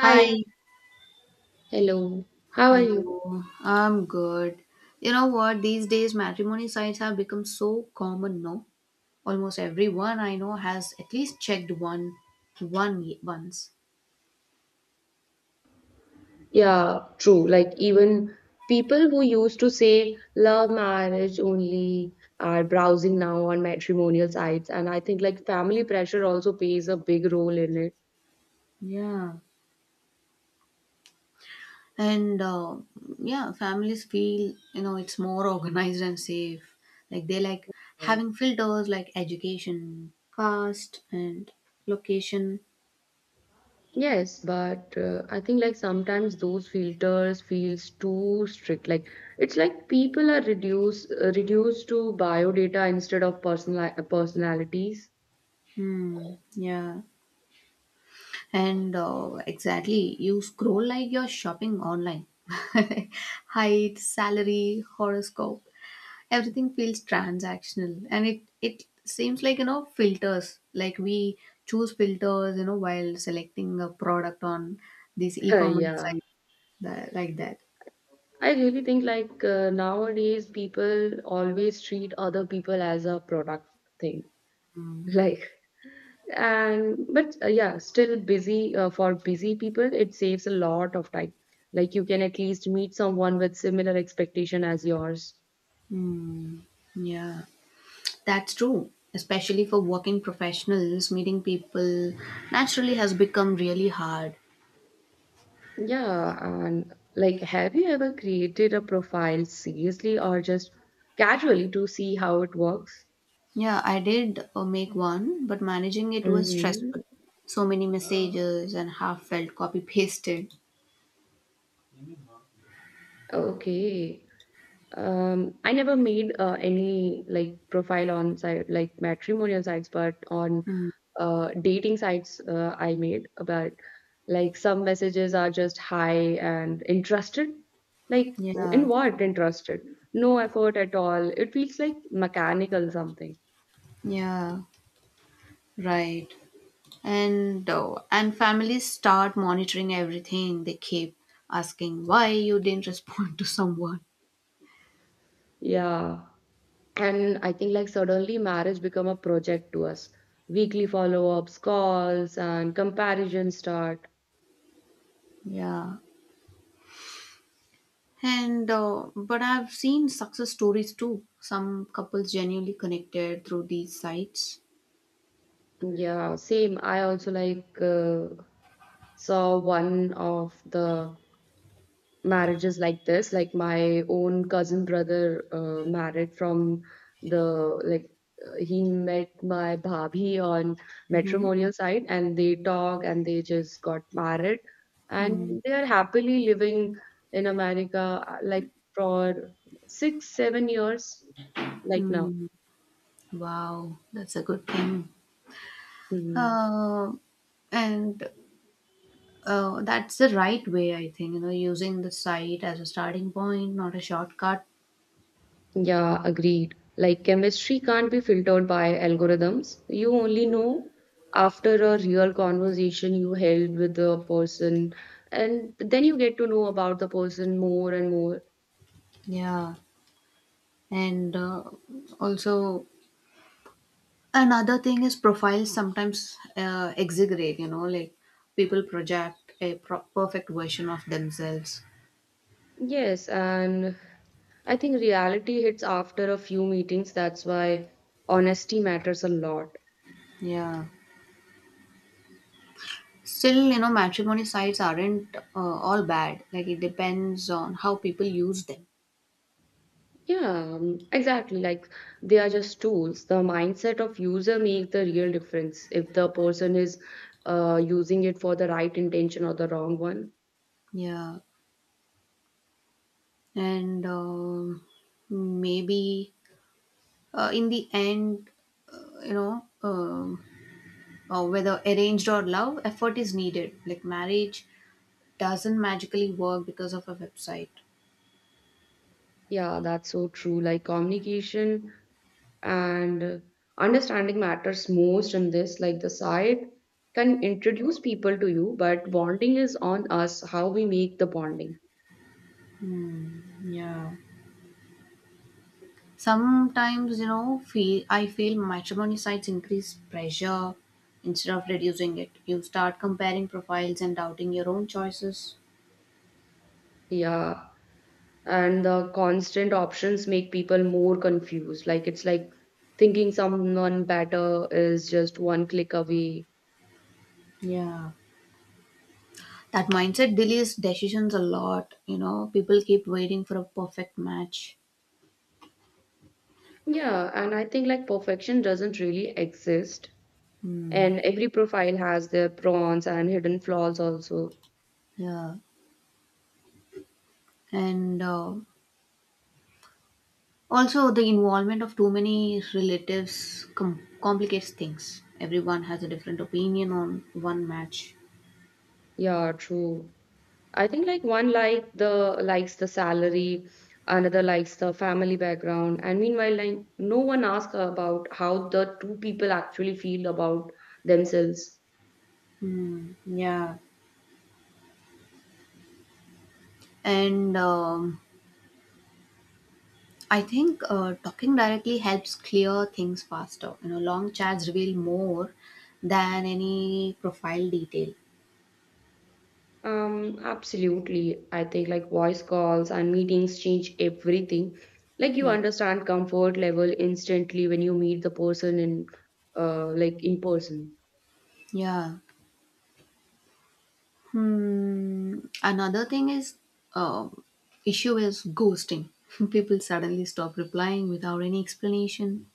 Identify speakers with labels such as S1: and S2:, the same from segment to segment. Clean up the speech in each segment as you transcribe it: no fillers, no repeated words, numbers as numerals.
S1: Hi,
S2: hello, how are you?
S1: hello. I'm good. You know what? These days, matrimony sites have become so common. No, almost everyone I know has at least checked one, once.
S2: Yeah, true. Like, even people who used to say love marriage only are browsing now on matrimonial sites, and I think like family pressure also plays a big role in it.
S1: Yeah, and yeah, families feel you know it's more organized and safe. Like they like
S2: Yeah.
S1: having filters like education, caste, and location.
S2: Yes, but I think like sometimes those filters feels too strict. Like it's like people are reduced to biodata instead of personalities.
S1: Hmm. Yeah. And exactly, you scroll like you're shopping online. Height, salary, horoscope, everything feels transactional, and it seems like you know filters. Like we choose filters, you know, while selecting a product on these e-commerce
S2: Yeah.
S1: sites that, like that.
S2: I really think like nowadays people always treat other people as a product thing.
S1: Mm.
S2: Like and but yeah, still busy for busy people it saves a lot of time. Like you can at least meet someone with similar expectation as yours.
S1: Mm. Yeah, that's true. Especially for working professionals, meeting people naturally has become really hard.
S2: Yeah, and like have you ever created a profile seriously or just casually to see how it works?
S1: Yeah, I did make one, but managing it was
S2: Mm-hmm.
S1: stressful. So many messages and half felt copy pasted.
S2: Okay. I never made any like profile on site like matrimonial sites, but on
S1: Hmm.
S2: dating sites I made. But like some messages are just hi and interested. Like
S1: Yeah,
S2: in what interested? No effort at all. It feels like mechanical something.
S1: yeah, right. And families start monitoring everything. They keep asking why you didn't respond to someone.
S2: Yeah. And I think like suddenly marriage become a project to us. Weekly follow-ups, calls, and comparison start.
S1: Yeah. And but I've seen success stories too. Some couples genuinely connected through these sites.
S2: Yeah, same. I also like saw one of the marriages like this like my own cousin brother married from the like he met my bhabhi on matrimonial side, and they talk and they just got married
S1: Hmm.
S2: and they are happily living in America like for 6 7 years like now.
S1: Hmm. Wow, that's a good thing.
S2: Hmm, yeah.
S1: Uh, and that's the right way, I think, you know, using the site as a starting point, not a shortcut.
S2: Yeah, agreed. Like chemistry can't be filtered by algorithms. You only know after a real conversation you held with the person, and then you get to know about the person more and more.
S1: Yeah. And also, another thing is profiles sometimes exaggerate, you know, like people project a perfect version of themselves.
S2: Yes, and I think reality hits after a few meetings. That's why honesty matters a lot.
S1: Yeah. Still, you know, matrimony sites aren't all bad. Like, it depends on how people use them.
S2: Yeah, exactly. Like they are just tools. The mindset of user make the real difference if the person is using it for the right intention or the wrong one.
S1: Yeah. And maybe in the end, you know um, whether arranged or love, effort is needed. Like marriage doesn't magically work because of a website.
S2: Yeah, that's so true. Like communication and understanding matters most in this. Like the site can introduce people to you, but bonding is on us, how we make the bonding.
S1: Yeah. Sometimes, you know, feel I feel matrimony sites increase pressure instead of reducing it. You start comparing profiles and doubting your own choices.
S2: Yeah. And the constant options make people more confused, like it's like thinking someone better is just one click away.
S1: Yeah. That mindset delays decisions a lot. You know, people keep waiting for a perfect match.
S2: Yeah, and I think like perfection doesn't really exist, and every profile has their prawns and hidden flaws also.
S1: Yeah, and also, the involvement of too many relatives complicates things. Everyone has a different opinion on one match.
S2: Yeah, true. I think like one like the likes the salary, another likes the family background, and meanwhile like no one asks about how the two people actually feel about themselves.
S1: Hmm. Yeah. And I think talking directly helps clear things faster. You know, long chats reveal more than any profile detail.
S2: Absolutely. I think like voice calls and meetings change everything. Like you understand comfort level instantly when you meet the person in like in person.
S1: Yeah. Hmm. Another thing is, um, issue is ghosting. People suddenly stop replying without any explanation.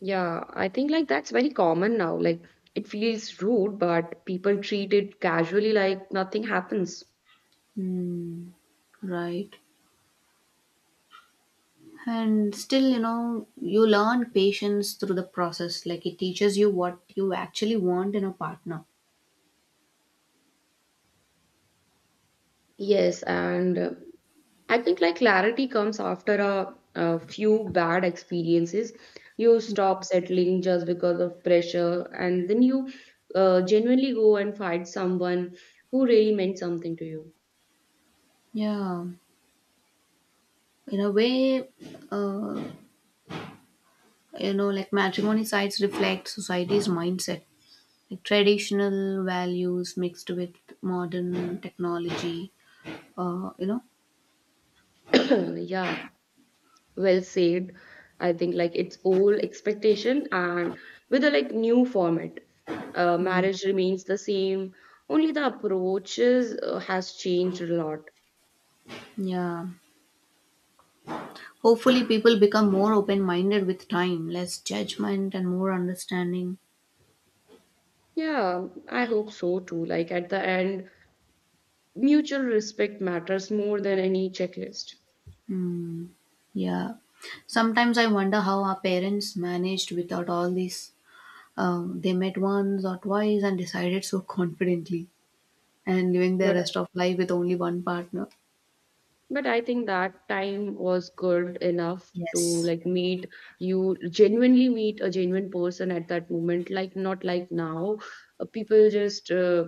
S2: Yeah, I think like that's very common now. Like it feels rude, but people treat it casually like nothing happens.
S1: Hmm. Right. And still, you know, you learn patience through the process. Like it teaches you what you actually want in a partner.
S2: Yes, and I think like clarity comes after a few bad experiences. You stop settling just because of pressure, and then you genuinely go and find someone who really meant something to you.
S1: Yeah, in a way, uh, you know, like matrimony sites reflect society's mindset, like traditional values mixed with modern technology, you know.
S2: Yeah, well said. I think like it's old expectation and with a like new format,
S1: Mm,
S2: marriage remains the same. Only the approaches has changed a lot.
S1: yeah. Hopefully people become more open minded with time, less judgment and more understanding.
S2: Yeah, I hope so too. Like at the end, mutual respect matters more than any checklist.
S1: Yeah. Sometimes I wonder how our parents managed without all this. They met once or twice and decided so confidently, and living their
S2: but
S1: rest of life with only one partner.
S2: but I think that time was good enough to
S1: Yes.
S2: like meet, you genuinely meet a genuine person at that moment, like not like now, people just uh,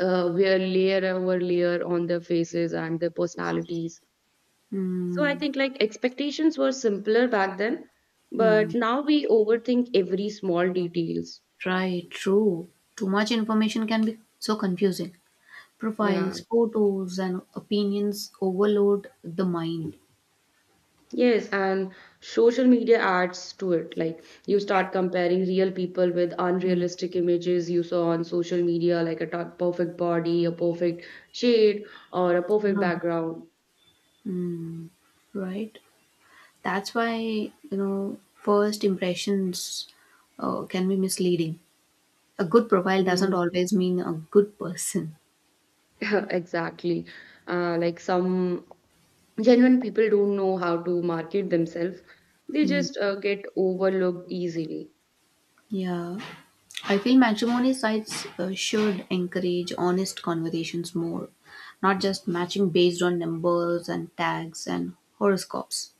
S2: uh, wear layer over layer on their faces and their personalities. So I
S1: Hmm.
S2: think like expectations were simpler back then,
S1: Hmm.
S2: but now we overthink every small details.
S1: Right. True. Too much information can be so confusing.
S2: Yeah.
S1: Profiles, photos, and opinions overload the mind.
S2: Yes, and social media adds to it. Like you start comparing real people with unrealistic images you saw on social media, like a perfect body, a perfect shade, or a perfect
S1: Yeah.
S2: background.
S1: Hmm. Right. That's why, you know, first impressions can be misleading. A good profile doesn't
S2: Mm,
S1: always mean a good person.
S2: exactly. Like some genuine people don't know how to market themselves. They
S1: Hmm.
S2: just get overlooked easily.
S1: Yeah. I feel matrimony sites should encourage honest conversations more, not just matching based on numbers and tags and horoscopes.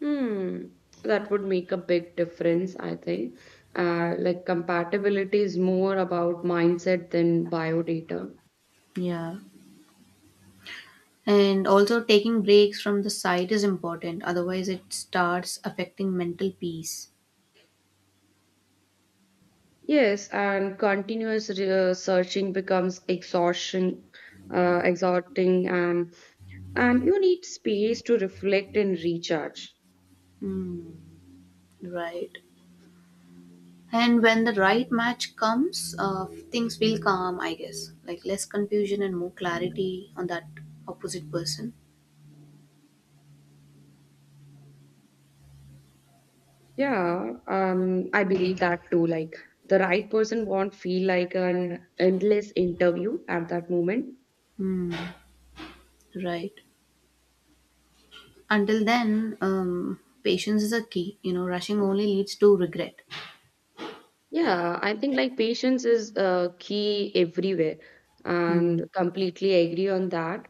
S2: Hmm, that would make a big difference, I think. Like compatibility is more about mindset than biodata.
S1: Yeah. And also, taking breaks from the site is important, otherwise, it starts affecting mental peace.
S2: Yes, and continuous searching becomes exhaustion, exhausting, and you need space to reflect and recharge.
S1: Hmm. Right. And when the right match comes, things will calm, I guess. Like less confusion and more clarity on that opposite person.
S2: Yeah, I believe that too. Like the right person won't feel like an endless interview at that moment.
S1: Hmm. Right. Until then, patience is a key. You know, rushing only leads to regret.
S2: Yeah, I think like patience is key everywhere, and
S1: Hmm.
S2: completely agree on that.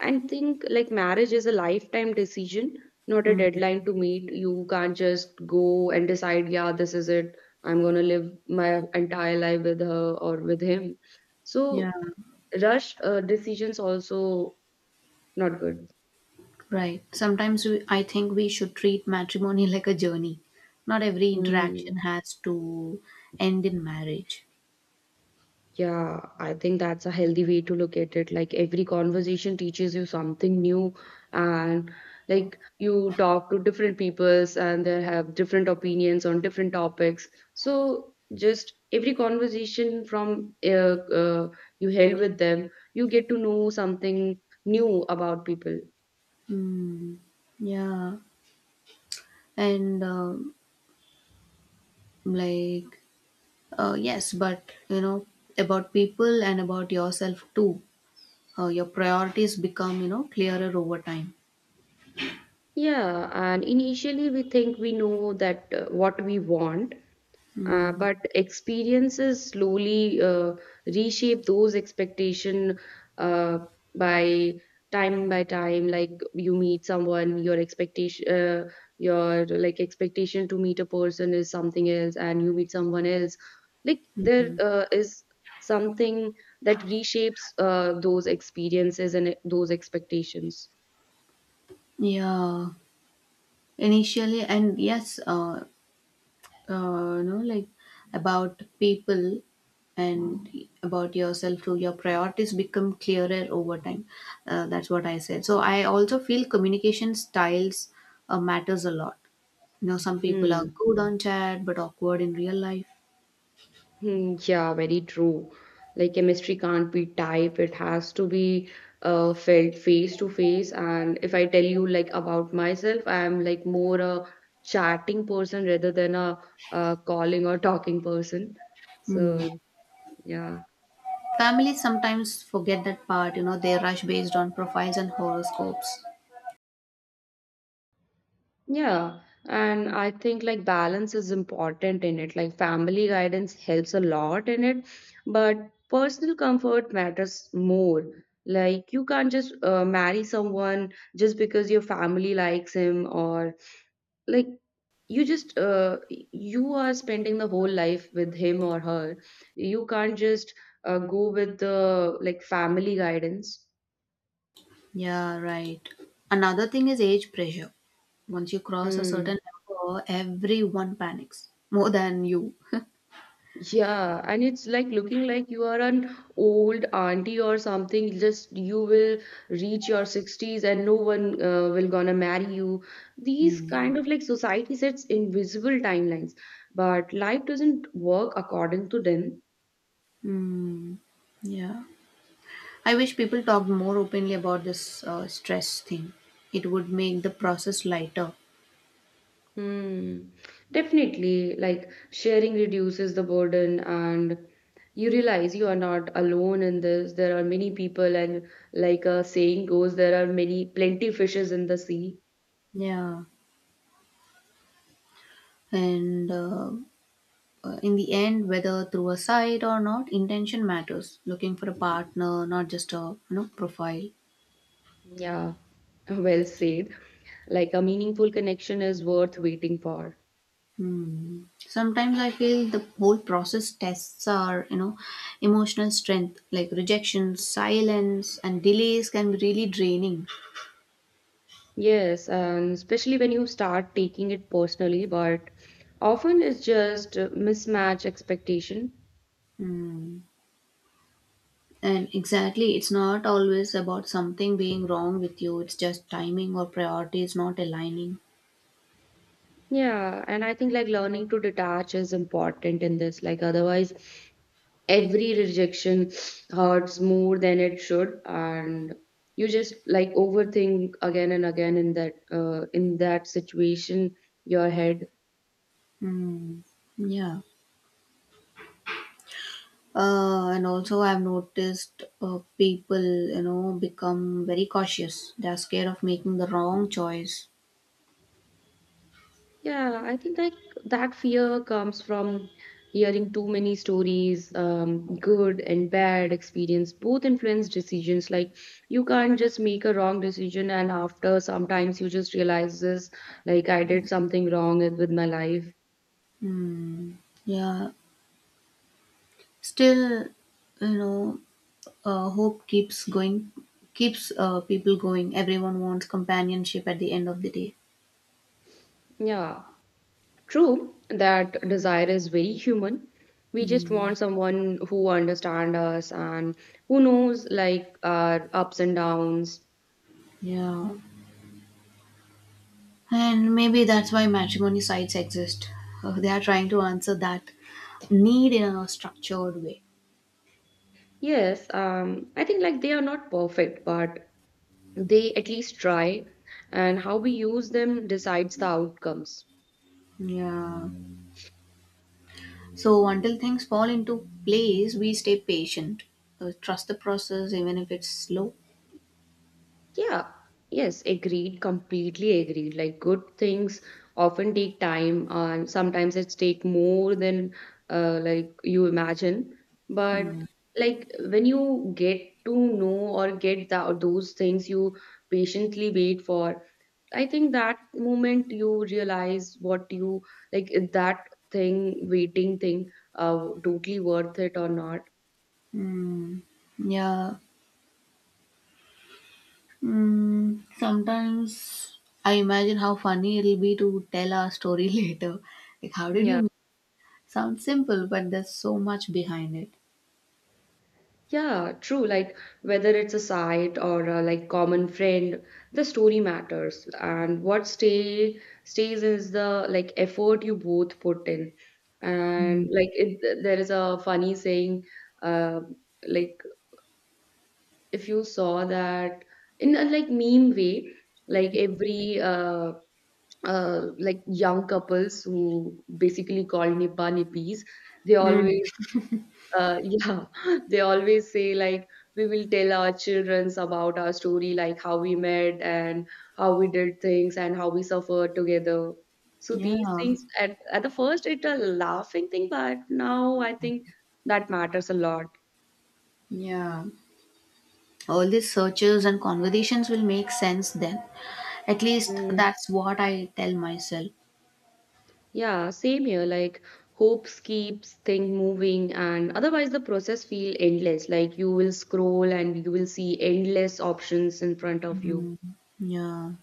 S2: I think like marriage is a lifetime decision, not a
S1: Hmm.
S2: deadline to meet. You can't just go and decide, yeah, this is it. I'm gonna live my entire life with her or with him.
S1: Yeah.
S2: So rushed decisions also not good.
S1: Right. Sometimes I think we should treat matrimony like a journey. Not every
S2: Mm.
S1: interaction has to end in marriage.
S2: Yeah, I think that's a healthy way to look at it. Like every conversation teaches you something new, and like you talk to different peoples and they have different opinions on different topics. So just every conversation from you held with them, you get to know something new about people.
S1: Hmm. Yeah. And like yes, but you know, about people and about yourself too. Your priorities become, you know, clearer over time.
S2: Yeah, and initially we think we know that what we want, but experiences slowly reshape those expectation uh, by time by time, like you meet someone, your expectation your like expectation to meet a person is something else and you meet someone else, like there is something that reshapes those experiences and those expectations.
S1: Yeah, initially, and yes, you know, like about people and about yourself too. Your priorities become clearer over time. That's what I said. So I also feel communication styles matters a lot. You know, some people are
S2: Hmm.
S1: good on chat but awkward in real life.
S2: Hmm, yeah, very true. Like chemistry can't be typed, it has to be felt face to face. And if I tell you like about myself, I'm like more a chatting person rather than a calling or talking person.
S1: Hmm.
S2: So yeah.
S1: Families sometimes forget that part, you know, they rush based on profiles and horoscopes.
S2: Yeah, and I think like balance is important in it. Like family guidance helps a lot in it, but personal comfort matters more. Like you can't just marry someone just because your family likes him, or like you just you are spending the whole life with him or her. You can't just go with the like family guidance.
S1: Yeah, right. Another thing is age pressure. Once you cross a certain
S2: Mm.
S1: number, everyone panics more than you.
S2: Yeah, and it's like looking like you are an old auntie or something. Just you will reach your 60s and no one will gonna marry you. These
S1: Mm.
S2: kind of like society sets invisible timelines, but life doesn't work according to them.
S1: Mm. Yeah. I wish people talked more openly about this stress thing. It would make the process lighter.
S2: Hmm. Definitely, like sharing reduces the burden, and you realize you are not alone in this. There are many people, and like a saying goes, there are many plenty fishes in the sea.
S1: Yeah. And in the end, whether through a site or not, intention matters. Looking for a partner, not just a you know profile.
S2: Yeah, well said. Like a meaningful connection is worth waiting for.
S1: Hmm. Sometimes I feel the whole process tests our, you know, emotional strength. Like rejection, silence, and delays can be really draining.
S2: Yes, and especially when you start taking it personally, but often it's just mismatch expectation.
S1: Hmm. And exactly, it's not always about something being wrong with you. It's just timing or priorities not aligning.
S2: Yeah, and I think like learning to detach is important in this. Like otherwise, every rejection hurts more than it should, and you just like overthink again and again in that situation, your head.
S1: Hmm. Yeah. And also, I've noticed people, you know, become very cautious. They're scared of making the wrong choice.
S2: Yeah, I think like that fear comes from hearing too many stories, good and bad experience, both influence decisions. Like you can't just make a wrong decision and after sometimes you just realize this, like I did something wrong with my life.
S1: Yeah. Still, you know, hope keeps going keeps people going. Everyone wants companionship at the end of the day.
S2: Yeah, true, that desire is very human. We just want someone who understand us and who knows like our ups and downs.
S1: Yeah, and maybe that's why matrimony sites exist. They are trying to answer that need in a structured way.
S2: Yes, I think like they are not perfect, but they at least try, and how we use them decides the outcomes.
S1: Yeah. So until things fall into place, we stay patient. Trust the process even if it's slow.
S2: Yeah. Yes, agreed, completely agreed. Like good things often take time, and sometimes it's take more than like you imagine, but like when you get to know or get that those things you patiently wait for, I think that moment you realize what you like, that thing, waiting thing, totally worth it or not.
S1: Yeah. Mm, sometimes I imagine how funny it'll be to tell our story later. Like how did
S2: Yeah,
S1: you? Sounds simple, but there's so much behind it.
S2: yeah, true. Like whether it's a site or a, like common friend, the story matters, and what stays is the like effort you both put in, and like it, there is a funny saying, uh, like if you saw that in a like meme way, like every like young couples who basically call nipa nippies, they
S1: Mm.
S2: always yeah, they always say like we will tell our childrens about our story, like how we met and how we did things and how we suffered together. So these
S1: Yeah,
S2: things at the first it's a laughing thing, but now I think that matters a lot.
S1: yeah. All these searches and conversations will make sense then. At least
S2: Mm.
S1: that's what I tell myself.
S2: Yeah, same here. Like hopes keeps thing moving, and otherwise the process feel endless. Like you will scroll and you will see endless options in front of you.
S1: Mm, yeah.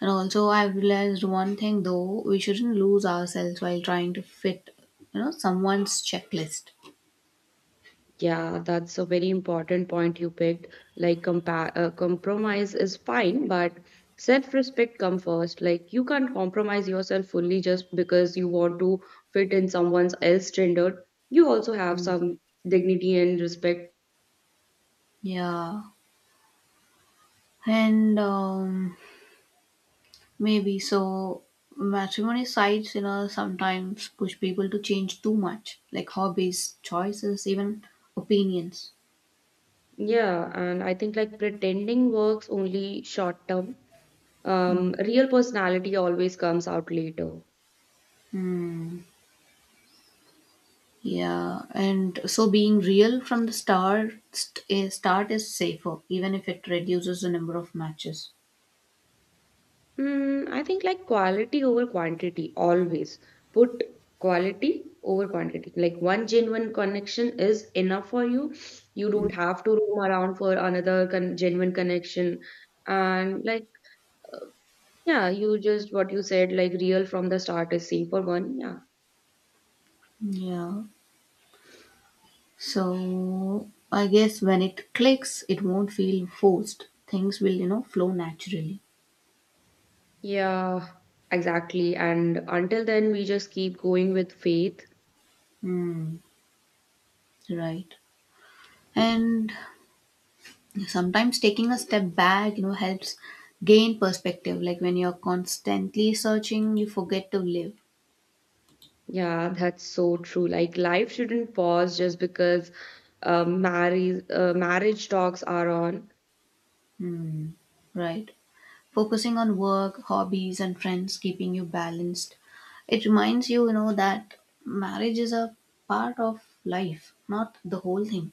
S1: And also, I've realized one thing though, we shouldn't lose ourselves while trying to fit, you know, someone's checklist.
S2: Yeah, that's a very important point you picked. Like, compromise is fine, but self respect comes first. Like, you can't compromise yourself fully just because you want to fit in someone else's standard. You also have some dignity and respect.
S1: Yeah. And maybe so. Matrimony sites, you know, sometimes push people to change too much, like hobbies, choices, even opinions.
S2: Yeah, and I think like pretending works only short term. Real personality always comes out later.
S1: Hmm. Yeah, and so being real from the start is safer, even if it reduces the number of matches.
S2: Mm, I think like quality over quantity always. Put quality over quantity. Like one genuine connection is enough for you. You don't have to roam around for another con genuine connection. And like, uh, yeah, you just what you said, like real from the start is safe for one. Yeah.
S1: Yeah. So I guess when it clicks, it won't feel forced. Things will, you know, flow naturally.
S2: Yeah, exactly. And until then, we just keep going with faith.
S1: Hmm. Right. And sometimes taking a step back, you know, helps gain perspective. Like when you're constantly searching, you forget to live.
S2: Yeah, that's so true. Like life shouldn't pause just because marriage talks are on.
S1: Right. Focusing on work, hobbies and friends keeping you balanced. It reminds you, you know, that marriage is a part of life, not the whole thing.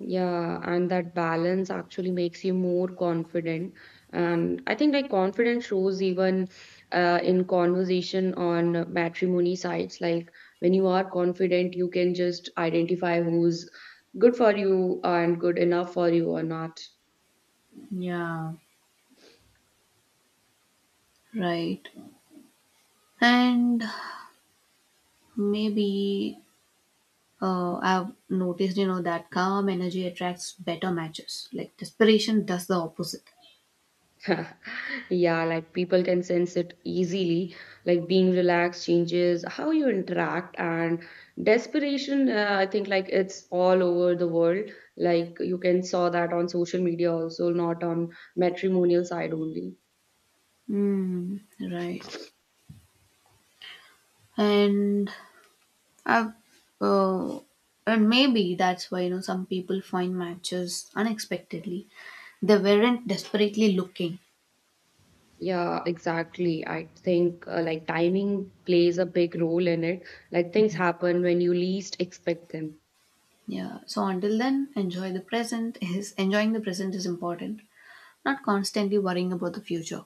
S2: Yeah, and that balance actually makes you more confident. And I think like confidence shows even in conversation on matrimony sites. Like when you are confident, you can just identify who's good for you and good enough for you or not.
S1: Yeah, right. And maybe, I've noticed, you know, that calm energy attracts better matches. Like desperation does the opposite.
S2: Yeah, like people can sense it easily. Like being relaxed changes how you interact, and desperation. I think like it's all over the world. Like you can saw that on social media also, not on matrimonial side only.
S1: Mm, right. And I've uh, and maybe that's why, you know, some people find matches unexpectedly. They weren't desperately looking.
S2: Yeah, exactly. I think like timing plays a big role in it. Like things happen when you least expect them.
S1: Yeah. So until then, enjoy the present. Is enjoying the present is important. Not constantly worrying about the future.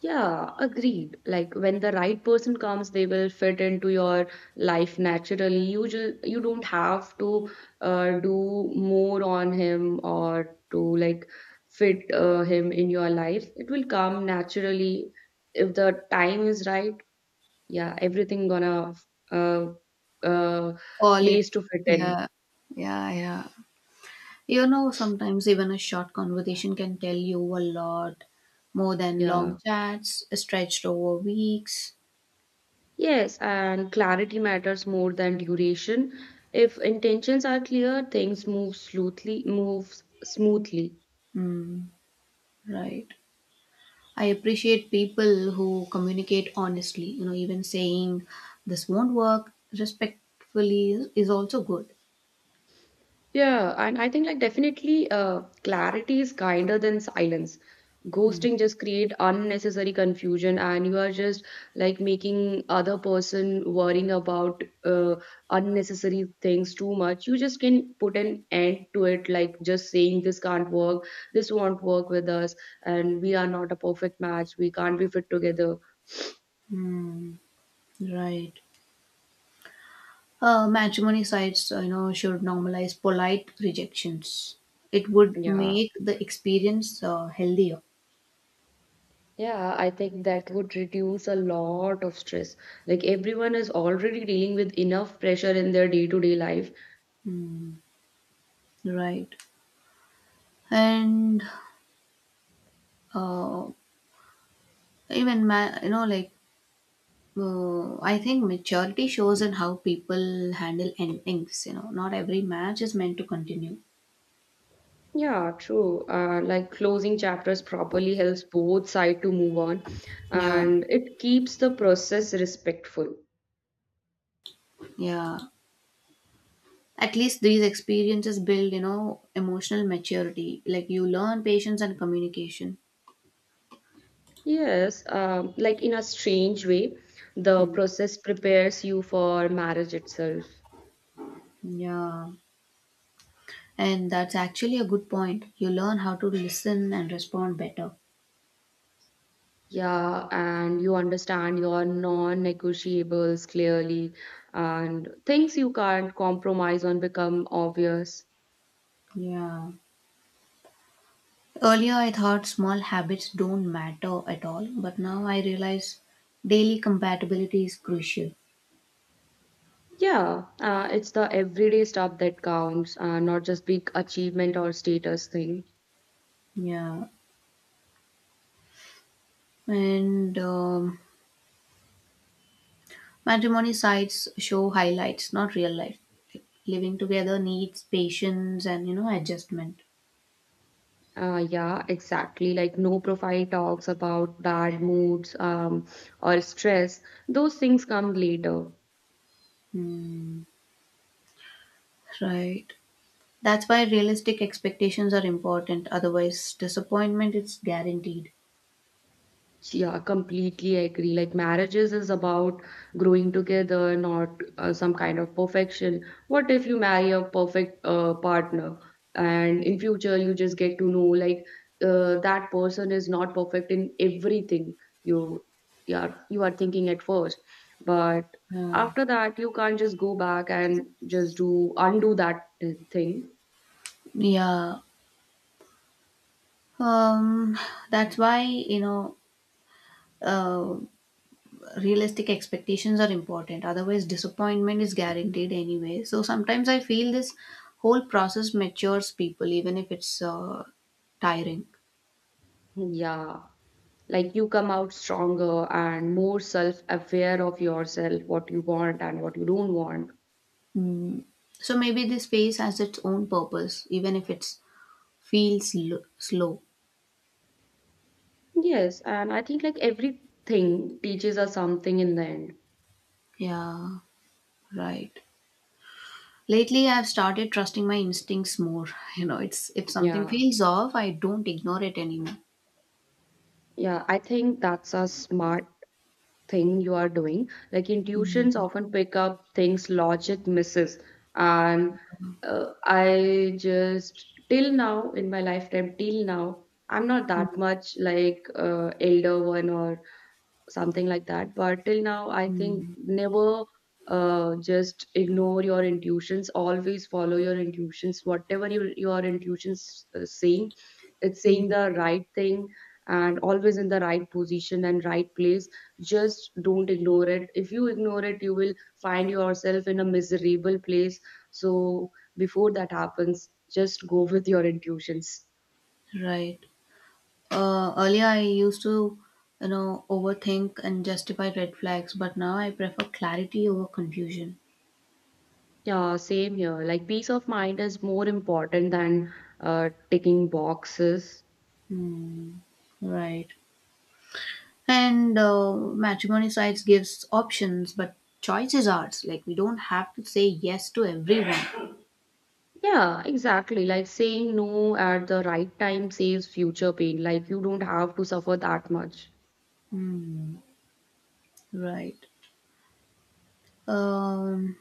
S2: Yeah, agreed. Like when the right person comes, they will fit into your life naturally. You just you don't have to do more on him or to like fit him in your life. It will come naturally if the time is right. Yeah, everything gonna uh, uh,
S1: All it.
S2: place to fit in.
S1: Yeah. Yeah. Yeah. You know, sometimes even a short conversation can tell you a lot more than long
S2: Yeah.
S1: chats stretched over weeks.
S2: Yes, and clarity matters more than duration. If intentions are clear, moves smoothly.
S1: Mm, right. I appreciate people who communicate honestly. You know, even saying this won't work respectfully is also good.
S2: Yeah, and I think like definitely clarity is kinder than silence. Ghosting just create unnecessary confusion and you are just like making other person worrying about unnecessary things too much. You just can put an end to it like just saying this can't work, this won't work with us and we are not a perfect match, we can't be fit together.
S1: Hmm, right. Matrimony sites, you know, should normalize polite rejections. It would
S2: Yeah.
S1: make the experience healthier.
S2: Yeah, I think that would reduce a lot of stress. Like everyone is already dealing with enough pressure in their day-to-day life.
S1: Hmm, right. And uh, you know, like I think maturity shows in how people handle endings. You know, not every match is meant to continue.
S2: Yeah, true. Like closing chapters properly helps both side to move on,
S1: Yeah.
S2: and it keeps the process respectful.
S1: Yeah. At least these experiences build, you know, emotional maturity. Like you learn patience and communication.
S2: Yes, like in a strange way, the
S1: Mm,
S2: process prepares you for marriage itself.
S1: yeah. And that's actually a good point. You learn how to listen and respond better.
S2: Yeah, and you understand your non-negotiables clearly, and things you can't compromise on become obvious.
S1: Yeah. Earlier, I thought small habits don't matter at all, but now I realize daily compatibility is crucial.
S2: Yeah, it's the everyday stuff that counts, not just big achievement or status thing.
S1: Yeah. And matrimony sites show highlights, not real life. Like, living together needs patience and, you know, adjustment.
S2: Yeah, exactly. Like no profile talks about bad moods, or stress. Those things come later.
S1: Hmm. Right. That's why realistic expectations are important. Otherwise, disappointment is guaranteed.
S2: Yeah, completely agree. Like marriages is about growing together, not some kind of perfection. What if you marry a perfect partner and in future you just get to know like that person is not perfect in everything you yeah you are thinking at first, but
S1: Yeah.
S2: after that you can't just go back and just do undo that thing.
S1: Yeah. Um, that's why, you know, uh, realistic expectations are important. Otherwise, disappointment is guaranteed anyway. So sometimes I feel this whole process matures people, even if it's tiring.
S2: Yeah. Like you come out stronger and more self aware of yourself what you want and what you don't want.
S1: Mm. So maybe this phase has its own purpose, even if it feels slow.
S2: Yes, and I think like everything teaches us something in the end.
S1: Yeah. Right. Lately, I've started trusting my instincts more. You know, it's if something
S2: Yeah.
S1: feels off, I don't ignore it anymore.
S2: Yeah, I think that's a smart thing you are doing. Like intuitions
S1: Mhm.
S2: often pick up things logic misses. And I just till now in my lifetime till now I'm not that much like elder one or something like that, but till now I think never just ignore your intuitions, always follow your intuitions whatever your intuitions saying, it's saying the right thing and always in the right position and right place. Just don't ignore it. If you ignore it, you will find yourself in a miserable place. So before that happens, just go with your intuitions.
S1: Right. Earlier, I used to, you know, overthink and justify red flags, but now I prefer clarity over confusion.
S2: Yeah, same here. Like peace of mind is more important than ticking boxes.
S1: Right. And matrimony sites gives options, but choice is ours. Like we don't have to say yes to everyone.
S2: Yeah, exactly. Like saying no at the right time saves future pain. Like you don't have to suffer that much.
S1: Right. Um,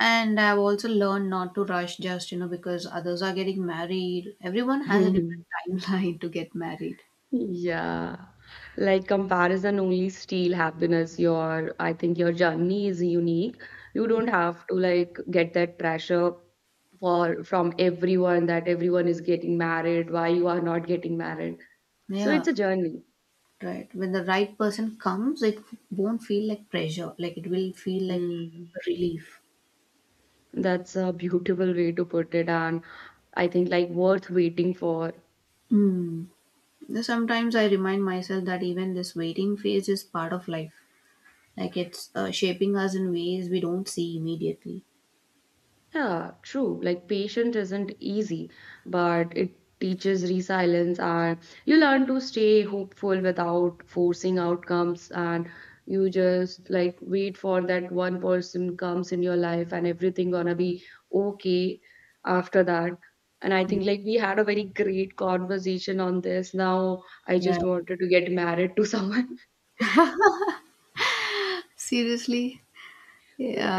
S1: And I've also learned not to rush just, you know, because others are getting married. Everyone has a different timeline to get married.
S2: Yeah. Like comparison only steal happiness. Your, I think your journey is unique. You don't have to like get that pressure for from everyone that everyone is getting married, why you are not getting married. So it's
S1: Yeah,
S2: a journey.
S1: right. When the right person comes, it won't feel like pressure. Like it will feel like
S2: Hmm.
S1: relief.
S2: That's a beautiful way to put it, and I think like worth waiting for.
S1: Mm. Sometimes I remind myself that even this waiting phase is part of life. Like it's shaping us in ways we don't see immediately.
S2: Yeah, true. Like patience isn't easy, but it teaches resilience, and you learn to stay hopeful without forcing outcomes, and you just like wait for that one person comes in your life, and everything gonna be okay after that. And I think like we had a very great conversation on this. Now I just
S1: Right.
S2: wanted to get married to someone.
S1: Seriously?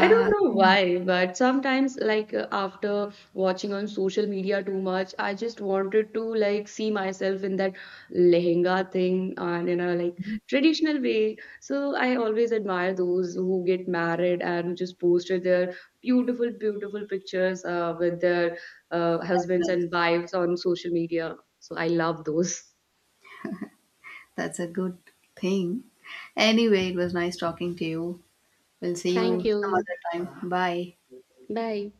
S2: I don't know why, but sometimes, like after watching on social media too much, I just wanted to like see myself in that lehenga thing and in a like traditional way. So I always admire those who get married and who just posted their beautiful, beautiful pictures with their husbands and wives on social media. So I love those.
S1: That's a good thing. Anyway, it was nice talking to you. We'll see you.
S2: Thank
S1: Sure. Some
S2: you.
S1: other time. Bye.
S2: Bye.